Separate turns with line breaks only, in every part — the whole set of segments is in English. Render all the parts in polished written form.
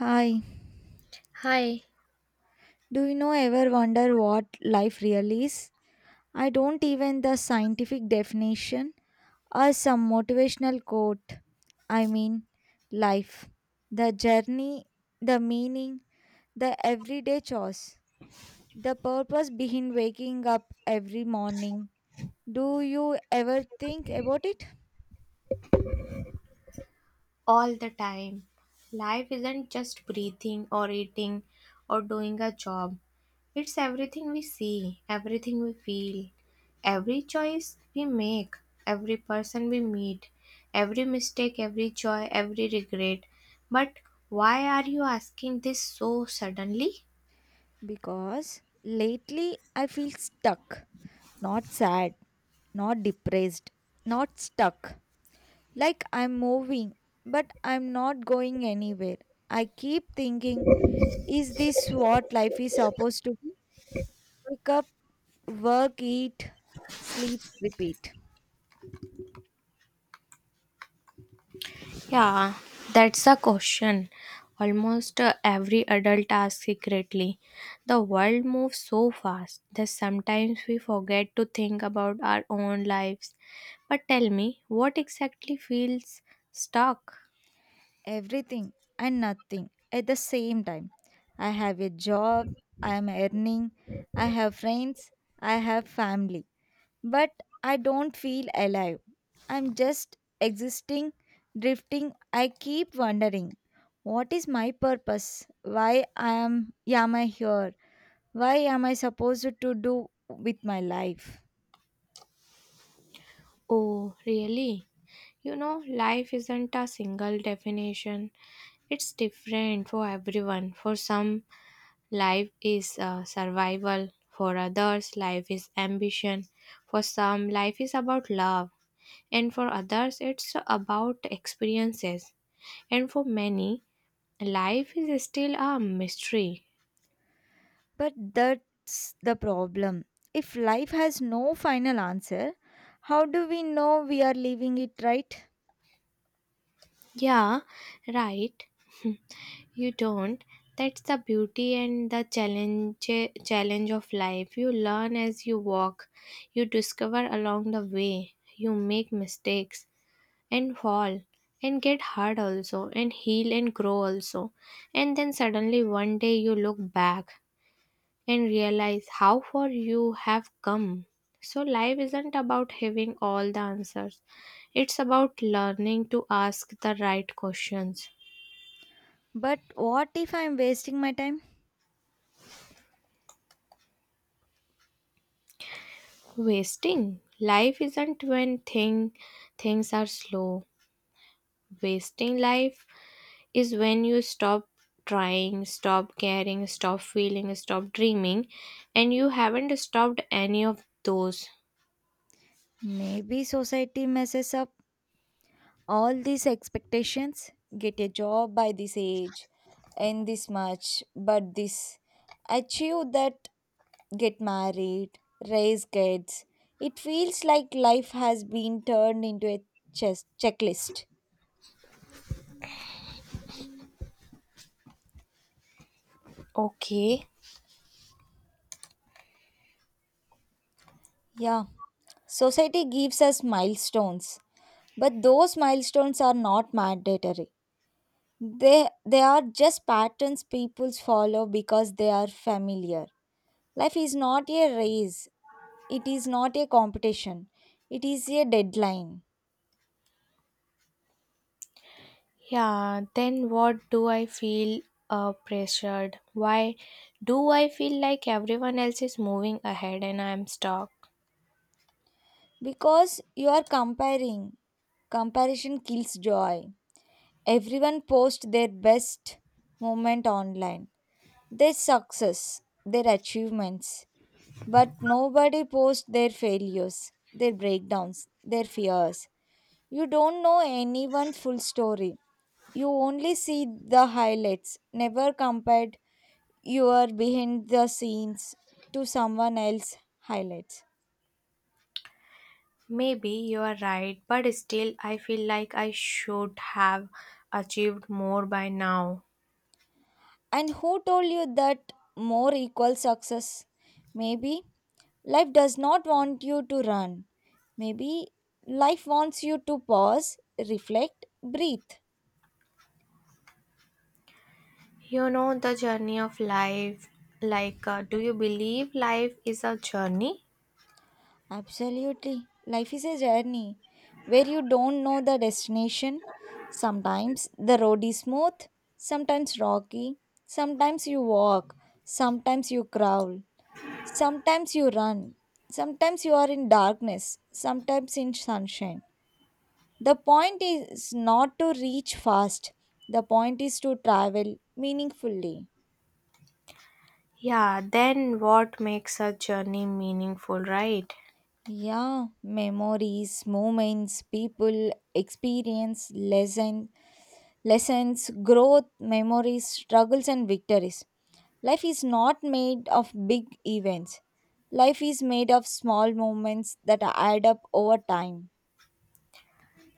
Hi.
Hi.
Do you know ever wonder what life really is? I don't even the scientific definition or some motivational quote. I mean, life. The journey, the meaning, the everyday chores, the purpose behind waking up every morning. Do you ever think about it?
All the time. Life isn't just breathing or eating or doing a job. It's everything we see, everything we feel, every choice we make, every person we meet, every mistake, every joy, every regret. But why are you asking this so suddenly?
Because lately I feel stuck, not sad, not depressed, not stuck. Like I'm moving, but I'm not going anywhere. I keep thinking, is this what life is supposed to be? Wake up, work, eat, sleep, repeat.
Yeah, that's the question. Almost every adult asks secretly. The world moves so fast that sometimes we forget to think about our own lives. But tell me, what exactly feels stuck?
Everything and nothing at the same time. I have a job, I am earning, I have friends, I have family. But I don't feel alive. I'm just existing, drifting. I keep wondering, what is my purpose? Why I am I here? Why am I supposed to do with my life?
Oh, really? You know, life isn't a single definition. It's different for everyone. For some, life is survival. For others, life is ambition. For some, life is about love, and for others it's about experiences, and for many life is still a mystery.
But that's the problem. If life has no final answer, how do we know we are living it right?
Yeah, right, you don't. That's the beauty and the challenge of life. You learn as you walk, you discover along the way, you make mistakes and fall and get hurt also, and heal and grow also, and then suddenly one day you look back and realize how far you have come. So, life isn't about having all the answers, it's about learning to ask the right questions.
But what if I'm wasting my time?
Wasting life isn't when things are slow, wasting life is when you stop trying, stop caring, stop feeling, stop dreaming, and you haven't stopped any of those.
Maybe society messes up all these expectations, get a job by this age, earn this much, but this, achieve that, get married, raise kids. It feels like life has been turned into a checklist.
Okay.
Yeah, society gives us milestones, but those milestones are not mandatory. They they are just patterns people follow because they are familiar. Life is not a race, it is not a competition, it is a deadline.
Yeah, then what do I feel, pressured? Why do I feel like everyone else is moving ahead and I am stuck?
Because you are comparing. Comparison kills joy. Everyone posts their best moment online, their success, their achievements, but nobody posts their failures, their breakdowns, their fears. You don't know anyone full story. You only see the highlights. Never compared your behind the scenes to someone else highlights.
Maybe you are right, but still, I feel like I should have achieved more by now.
And who told you that more equals success? Maybe life does not want you to run. Maybe life wants you to pause, reflect, breathe.
You know, the journey of life. Like, do you believe life is a journey?
Absolutely. Life is a journey where you don't know the destination. Sometimes the road is smooth, sometimes rocky, sometimes you walk, sometimes you crawl. Sometimes you run, sometimes you are in darkness, sometimes in sunshine. The point is not to reach fast, the point is to travel meaningfully.
Yeah, then what makes a journey meaningful, right?
Yeah, memories, moments, people, experience, lesson, lessons, growth, memories, struggles, and victories. Life is not made of big events. Life is made of small moments that add up over time.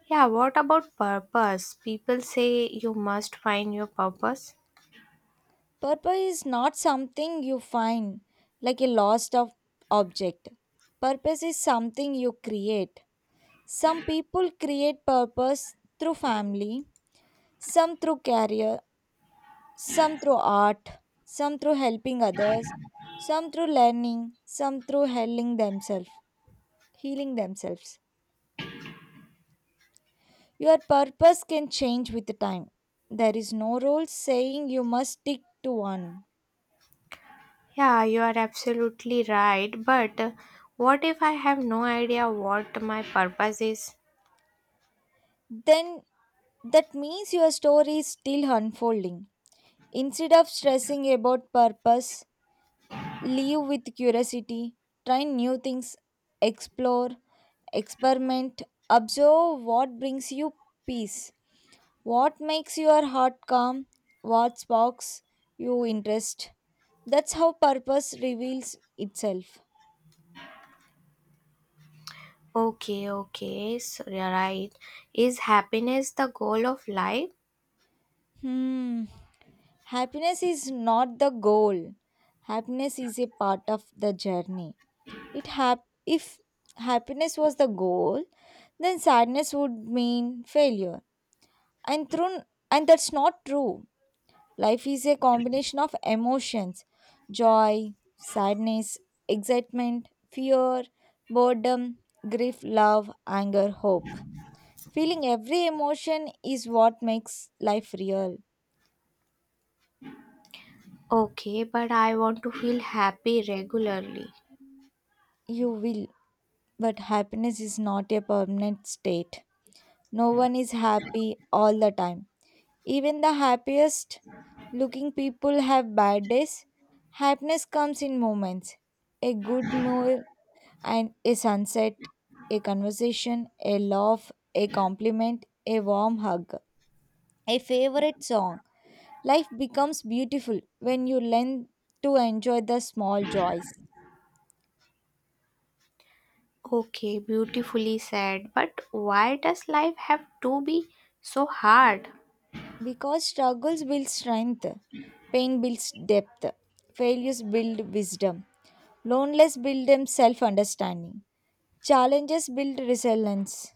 Yeah, what about purpose? People say you must find your purpose.
Purpose is not something you find like a lost of object. Purpose is something you create. Some people create purpose through family, some through career, some through art, some through helping others, some through learning, some through healing themselves. Your purpose can change with the time. There is no rule saying you must stick to one.
Yeah, you are absolutely right. But what if I have no idea what my purpose is?
Then that means your story is still unfolding. Instead of stressing about purpose, live with curiosity, try new things, explore, experiment, observe what brings you peace, what makes your heart calm, what sparks you interest. That's how purpose reveals itself.
Okay, okay, so you're right. Is happiness the goal of life?
Hmm. Happiness is not the goal. Happiness is a part of the journey. If happiness was the goal, then sadness would mean failure. And through and that's not true. Life is a combination of emotions, joy, sadness, excitement, fear, boredom, grief, love, anger, hope. Feeling every emotion is what makes life real.
Okay, but I want to feel happy regularly.
You will, but happiness is not a permanent state. No one is happy all the time. Even the happiest looking people have bad days. Happiness comes in moments, a good meal and a sunset, a conversation, a laugh, a compliment, a warm hug, a favorite song. Life becomes beautiful when you learn to enjoy the small joys.
Okay, beautifully said. But why does life have to be so hard?
Because struggles build strength, pain builds depth, failures build wisdom, loneliness builds self understanding. Challenges build resilience.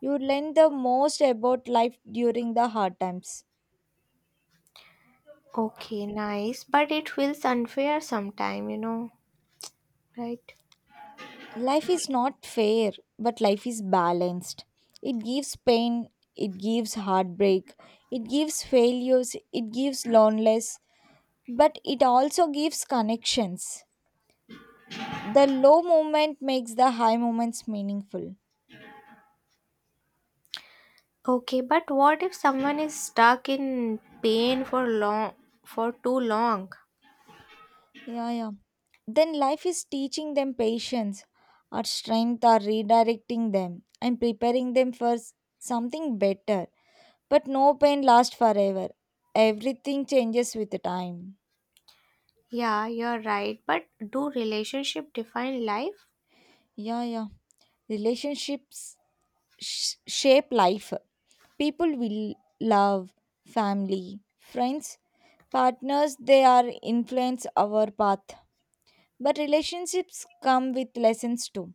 You learn the most about life during the hard times.
Okay, nice. But it feels unfair sometime, right?
Life is not fair, but life is balanced. It gives pain, it gives heartbreak, it gives failures, it gives loneliness, but it also gives connections. The low moment makes the high moments meaningful.
Okay, but what if someone is stuck in pain for too long?
Yeah, yeah. Then life is teaching them patience or strength or redirecting them and preparing them for something better. But no pain lasts forever. Everything changes with the time.
Yeah, you're right. But do relationship define life?
Yeah, yeah. Relationships shape life. People will love, family, friends, partners, they are influence our path. But relationships come with lessons too.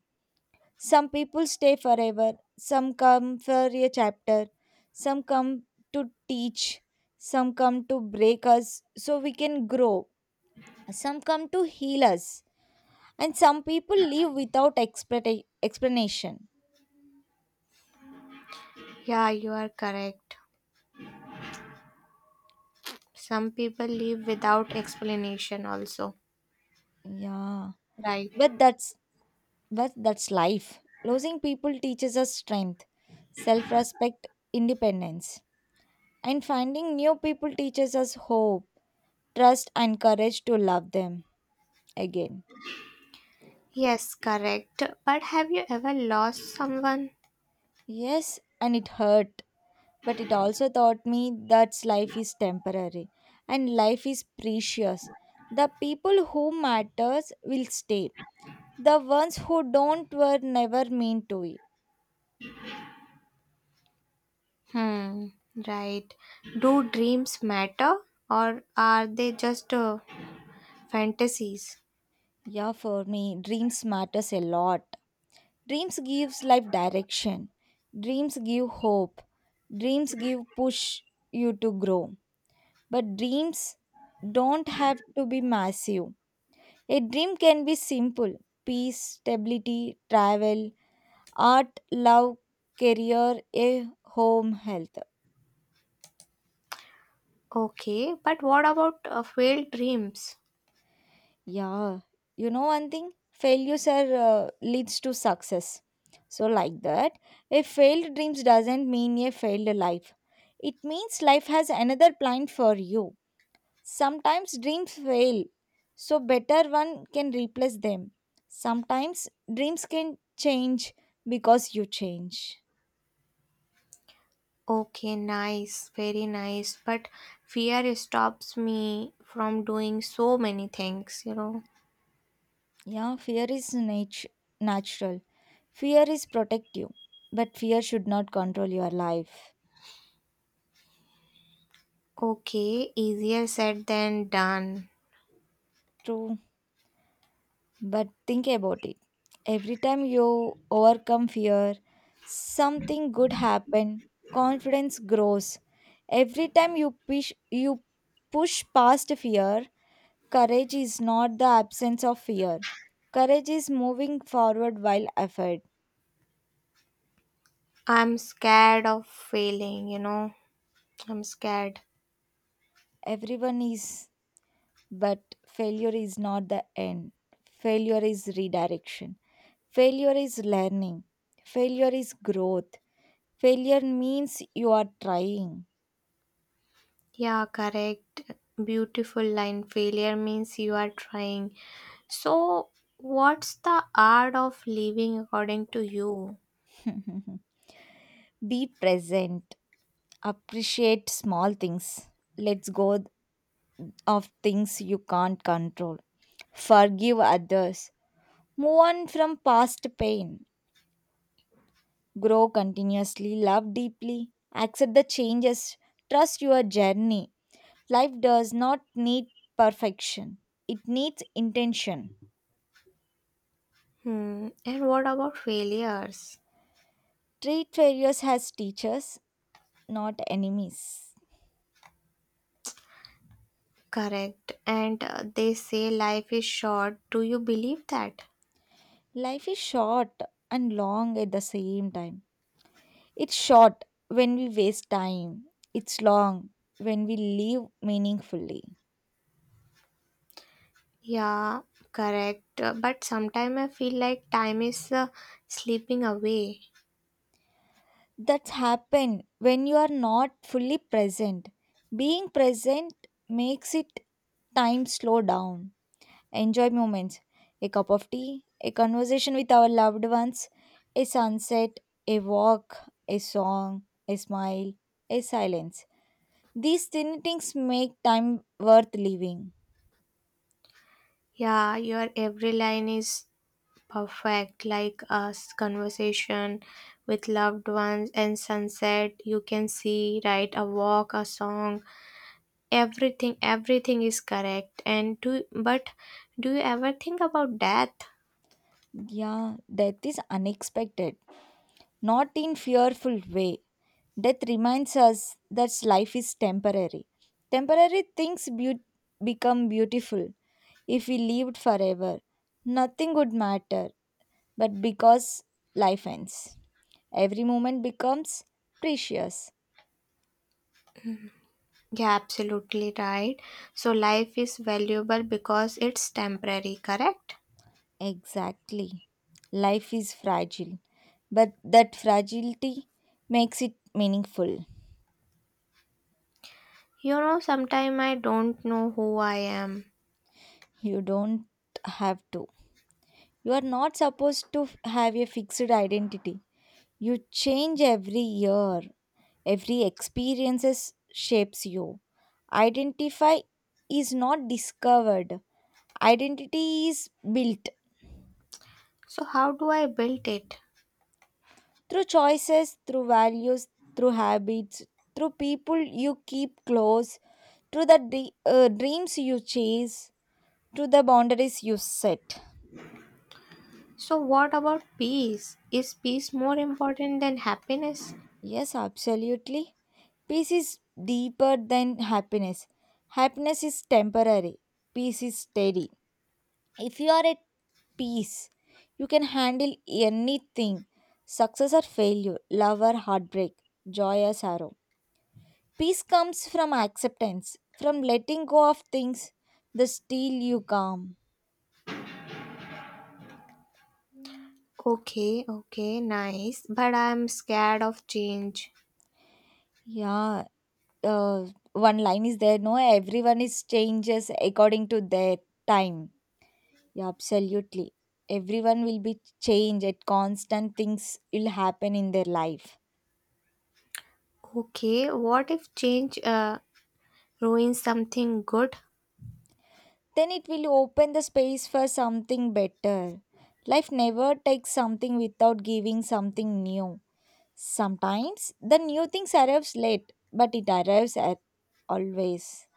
Some people stay forever, some come for a chapter, some come to teach, some come to break us so we can grow, some come to heal us, and some people leave without explanation.
Yeah, you are correct. Some people leave without explanation also.
Yeah,
Right.
but that's but that's life. Losing people teaches us strength, self-respect, independence, and finding new people teaches us hope, trust, and courage to love them again.
Yes, correct. But have you ever lost someone?
Yes, and it hurt, but it also taught me that life is temporary and life is precious. The people who matters will stay. The ones who don't were never meant to it.
Hmm, right. Do dreams matter, or are they just fantasies?
Yeah, for me, dreams matters a lot. Dreams gives life direction. Dreams give hope. Dreams give push you to grow. But dreams don't have to be massive. A dream can be simple, peace, stability, travel, art, love, career, a home, health.
Okay, but what about failed dreams?
Yeah, you know one thing failures are leads to success. So like that, a failed dreams doesn't mean a failed life. It means life has another plan for you. Sometimes dreams fail, so better one can replace them. Sometimes dreams can change because you change.
Okay, nice, very nice. But fear stops me from doing so many things.
Yeah, fear is natural. Fear is protective, but fear should not control your life.
Okay, easier said than done.
True, but think about it. Every time you overcome fear, something good happen. Confidence grows. Every time you push past fear, courage is not the absence of fear. Courage is moving forward while effort.
I'm scared of failing. I'm scared.
Everyone is, but failure is not the end. Failure is redirection. Failure is learning. Failure is growth. Failure means you are trying.
Yeah, correct. Beautiful line. Failure means you are trying. So, what's the art of living according to you?
Be present. Appreciate small things. Let's go of things you can't control. Forgive others. Move on from past pain. Grow continuously. Love deeply. Accept the changes. Trust your journey. Life does not need perfection, it needs intention.
Hmm. And what about failures?
Treat failures as teachers, not enemies.
Correct. And they say life is short. Do you believe that?
Life is short and long at the same time. It's short when we waste time, it's long when we live meaningfully.
Yeah, correct. But sometimes I feel like time is slipping away.
That's happened when you are not fully present. Being present makes it time slow down. Enjoy moments, a cup of tea, a conversation with our loved ones, a sunset, a walk, a song, a smile, a silence. These tiny things make time worth living.
Yeah, your every line is perfect, like us conversation with loved ones and sunset. You can see, right, a walk, a song, everything. Everything is correct. And do you ever think about death?
Yeah, death is unexpected, not in fearful way. Death reminds us that life is temporary. Temporary things become beautiful. If we lived forever, nothing would matter, but because life ends. Every moment becomes precious.
Yeah, absolutely right. So life is valuable because it's temporary, correct?
Exactly. Life is fragile, but that fragility makes it meaningful.
You know, sometimes I don't know who I am.
You don't have to. You are not supposed to have a fixed identity. You change every year. Every experiences shapes you. Identify is not discovered. Identity is built.
So how do I build it?
Through choices, through values, through habits, through people you keep close, through the dreams you chase, through the boundaries you set.
So what about peace? Is peace more important than happiness?
Yes, absolutely. Peace is deeper than happiness. Happiness is temporary, peace is steady. If you are at peace, you can handle anything, success or failure, love or heartbreak, joy or sorrow. Peace comes from acceptance, from letting go of things that steal you calm.
Okay, okay, nice. But I'm scared of change.
Yeah, uh, one line is there. No, everyone is changes according to their time. Yeah, absolutely. Everyone will be changed at constant things will happen in their life.
Okay, what if change ruins something good?
Then it will open the space for something better. Life never takes something without giving something new. Sometimes the new things arrives late, but it arrives at always.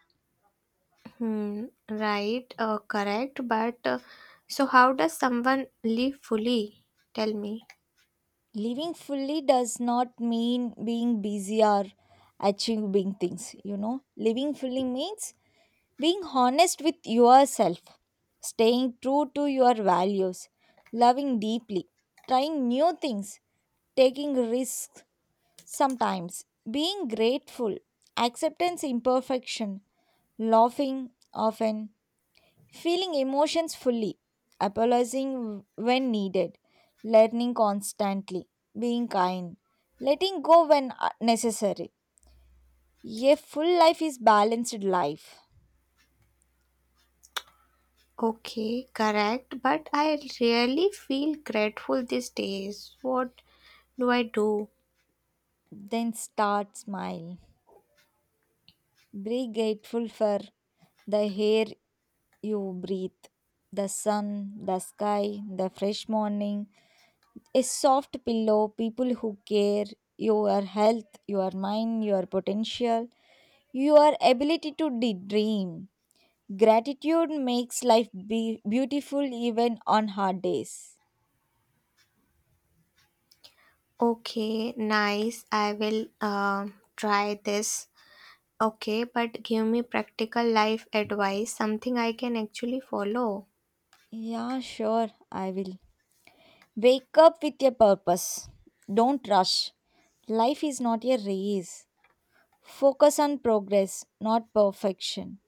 Hmm, right, correct. But so, how does someone live fully? Tell me.
Living fully does not mean being busy or achieving big things, you know. Living fully means being honest with yourself, staying true to your values, loving deeply, trying new things, taking risks sometimes, being grateful, acceptance imperfection, laughing often, feeling emotions fully, apologizing when needed, learning constantly, being kind, letting go when necessary. A full life is balanced life.
Okay, correct. But I really feel grateful these days. What do I do?
Then start smile. Be grateful for the air you breathe, the sun, the sky, the fresh morning, a soft pillow, people who care, your health, your mind, your potential, your ability to dream. Gratitude makes life beautiful even on hard days.
Okay, nice. I will try this. Okay, but give me practical life advice, something I can actually follow.
Yeah, sure, I will. Wake up with a purpose. Don't rush. Life is not a race. Focus on progress, not perfection.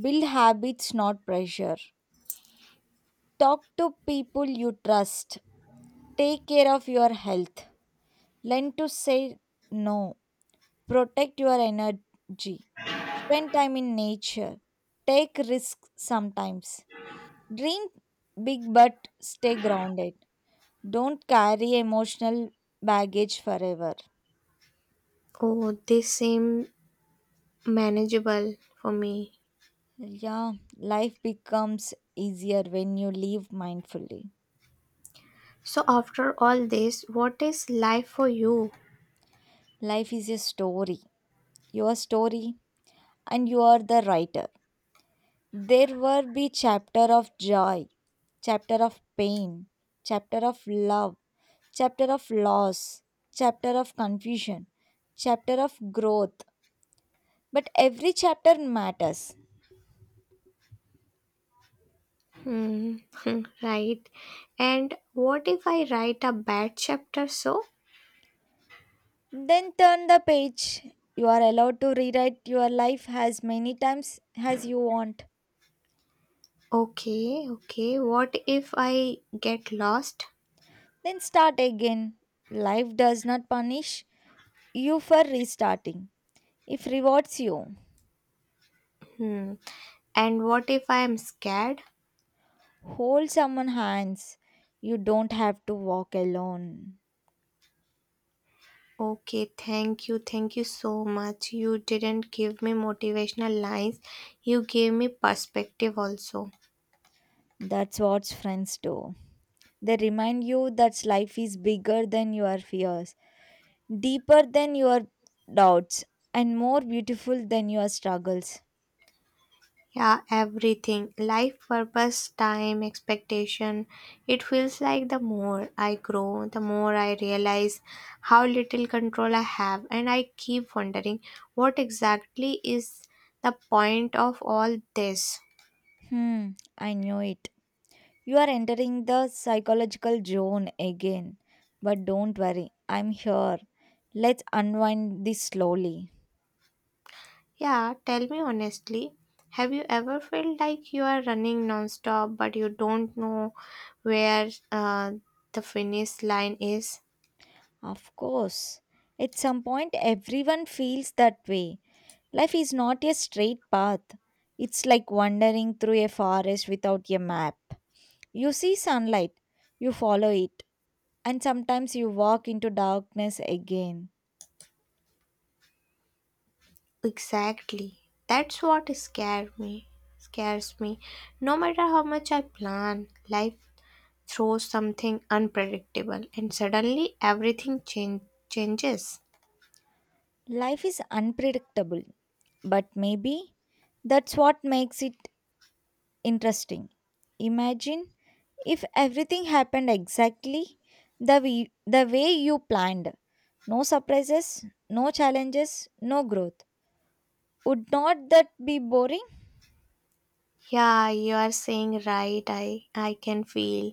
Build habits, not pressure. Talk to people you trust. Take care of your health. Learn to say no. Protect your energy. Spend time in nature. Take risks sometimes. Dream big but stay grounded. Don't carry emotional baggage forever.
Oh, this seem manageable for me.
Yeah, life becomes easier when you live mindfully.
So after all this, what is life for you?
Life is a story, your story, and you are the writer. There will be chapter of joy, chapter of pain, chapter of love, chapter of loss, chapter of confusion, chapter of growth. But every chapter matters.
Hmm, hmm, right. And what if I write a bad chapter? So,
Then turn the page. You are allowed to rewrite your life as many times as you want.
okay, okay. What if I get lost?
Then start again. Life does not punish you for restarting. It rewards you.
Hmm. And what if I am scared?
Hold someone hands. You don't have to walk alone.
Okay, thank you. Thank you so much. You didn't give me motivational lines, you gave me perspective also.
That's what friends do. They remind you that life is bigger than your fears, deeper than your doubts, and more beautiful than your struggles.
Yeah, everything. Life purpose, time, expectation. It feels like the more I grow, the more I realize how little control I have. And I keep wondering, what exactly is the point of all this?
Hmm, I knew it. You are entering the psychological zone again. But don't worry, I'm here. Let's unwind this slowly.
Yeah, tell me honestly. Have you ever felt like you are running nonstop but you don't know where, the finish line is?
Of course, at some point, everyone feels that way. Life is not a straight path. It's like wandering through a forest without a map. You see sunlight, you follow it, and sometimes you walk into darkness again.
Exactly. That's what scares me. No matter how much I plan, life throws something unpredictable and suddenly everything changes.
Life is unpredictable, but maybe that's what makes it interesting. Imagine if everything happened exactly the way you planned. No surprises, no challenges, no growth. Would not that be boring?
Yeah, you are saying right. I can feel,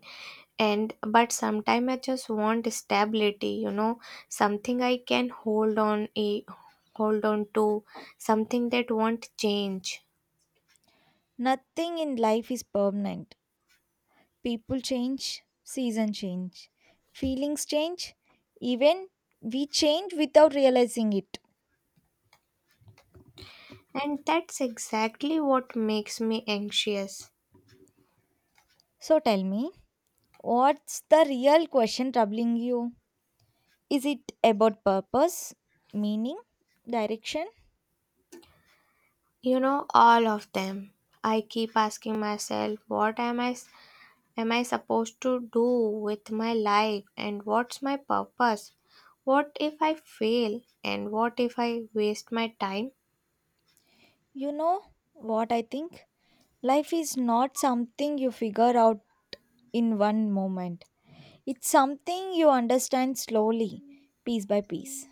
and but sometimes I just want stability, something I can hold on to, something that won't change.
Nothing in life is permanent. People change, season change, feelings change, even we change without realizing it.
And that's exactly what makes me anxious.
So tell me, what's the real question troubling you? Is it about purpose, meaning, direction?
You know, all of them. I keep asking myself, am I supposed to do with my life, and what's my purpose? What if I fail, and what if I waste my time?
You know what I think? Life is not something you figure out in one moment, it's something you understand slowly, piece by piece.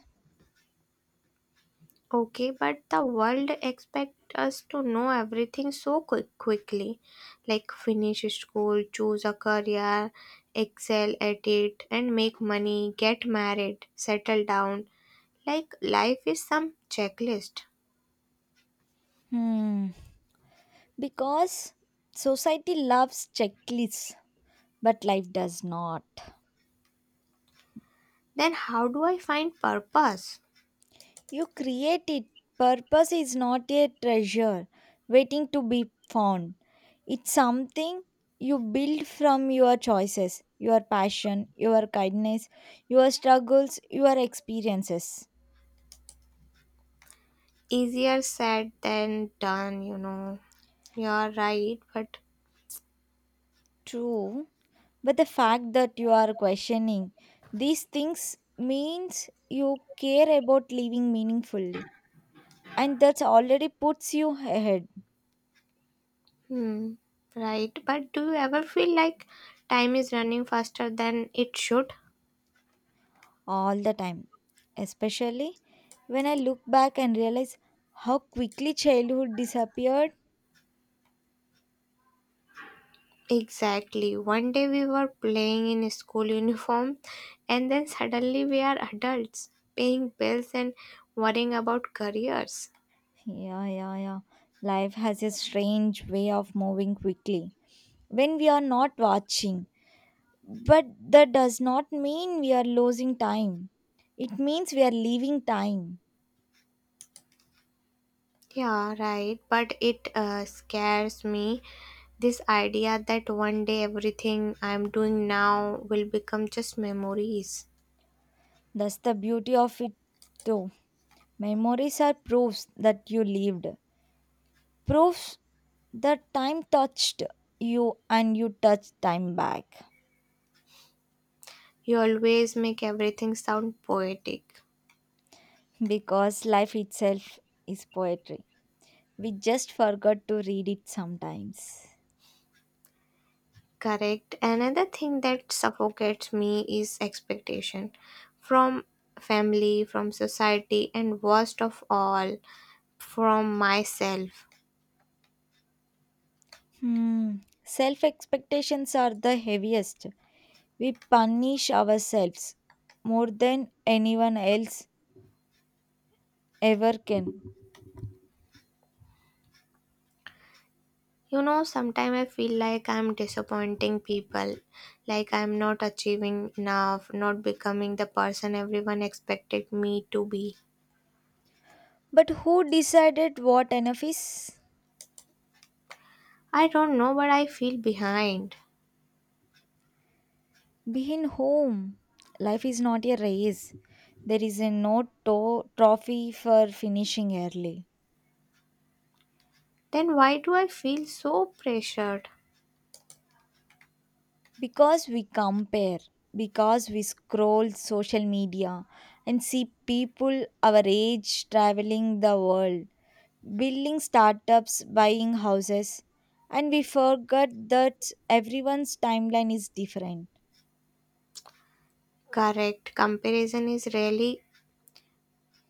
Okay, but the world expects us to know everything so quickly, like finish school, choose a career, excel at it, and make money, get married, settle down. Like life is some checklist.
Hmm. Because society loves checklists, but life does not.
Then how do I find purpose?
You create it. Purpose is not a treasure waiting to be found. It's something you build from your choices, your passion, your kindness, your struggles, your experiences.
Easier said than done, you know. You're right, but
True. But the fact that you are questioning these things means you care about living meaningfully. And that already puts you ahead.
hmm, right. But do you ever feel like time is running faster than it should?
All the time, especially when I look back and realize how quickly childhood disappeared.
Exactly. One day we were playing in school uniform, and then suddenly we are adults, paying bills and worrying about careers.
Yeah, yeah, yeah. Life has a strange way of moving quickly when we are not watching. But that does not mean we are losing time. It means we are leaving time.
Yeah, right. But it scares me. This idea that one day everything I'm doing now will become just memories.
That's the beauty of it, though. Memories are proofs that you lived, proofs that time touched you and you touched time back.
You always make everything sound poetic.
Because life itself is poetry. We just forgot to read it sometimes.
Correct. Another thing that suffocates me is expectation from family, from society, and worst of all, from myself.
Hmm. Self expectations are the heaviest. We punish ourselves more than anyone else ever can.
You know, sometimes I feel like I'm disappointing people, like I'm not achieving enough, not becoming the person everyone expected me to be.
But who decided what enough is?
I don't know, but I feel behind.
Being home. Life is not a race. There is a no trophy for finishing early.
Then why do I feel so pressured?
Because we compare, because we scroll social media and see people our age traveling the world, building startups, buying houses, and we forget that everyone's timeline is different.
Correct, comparison is really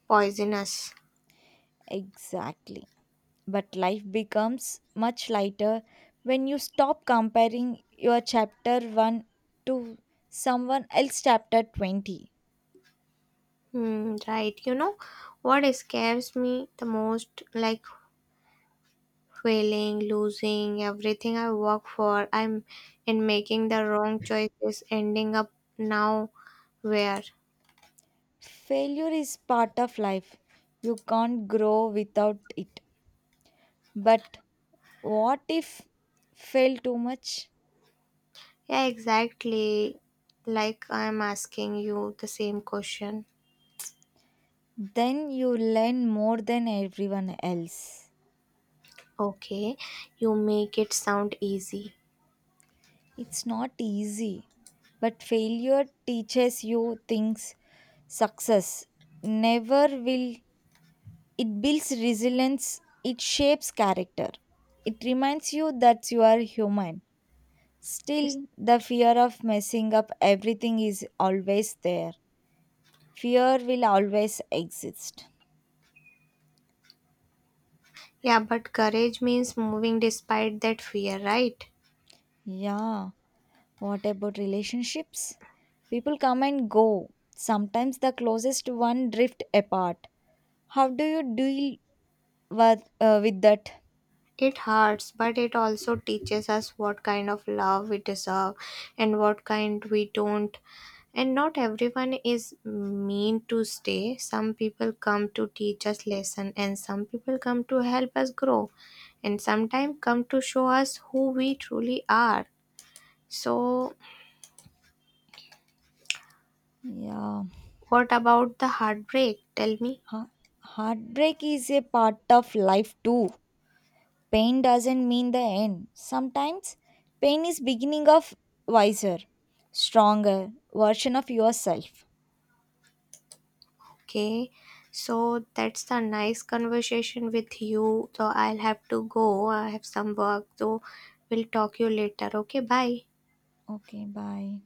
poisonous.
Exactly, but life becomes much lighter when you stop comparing your chapter 1 to someone else chapter 20.
Hmm, right, you know what scares me the most? Like failing, losing everything I work for. I'm in making the wrong choices, ending up now where?
Failure is part of life. You can't grow without it. But what if fail too much?
Yeah, exactly. Like I'm asking you the same question.
Then you learn more than everyone else.
Okay, you make it sound easy.
It's not easy, but failure teaches you things success never will. It builds resilience, it shapes character. It reminds you that you are human.
Yes.
Still, the fear of messing up everything is always there. Fear will always exist.
Yeah, but courage means moving despite that fear, right?
Yeah. What about relationships? People come and go. Sometimes the closest one drift apart. How do you deal with that?
It hurts, but it also teaches us what kind of love we deserve and what kind we don't. And not everyone is mean to stay. Some people come to teach us lesson, and some people come to help us grow, and sometimes come to show us who we truly are. So
Yeah.
what about the heartbreak? Tell me.
Ha- Heartbreak is a part of life too. Pain doesn't mean the end. Sometimes pain is beginning of wiser, stronger version of yourself.
Okay, so that's a nice conversation with you. So I'll have to go. I have some work, so we'll talk you later. Okay, bye.
Okay, bye.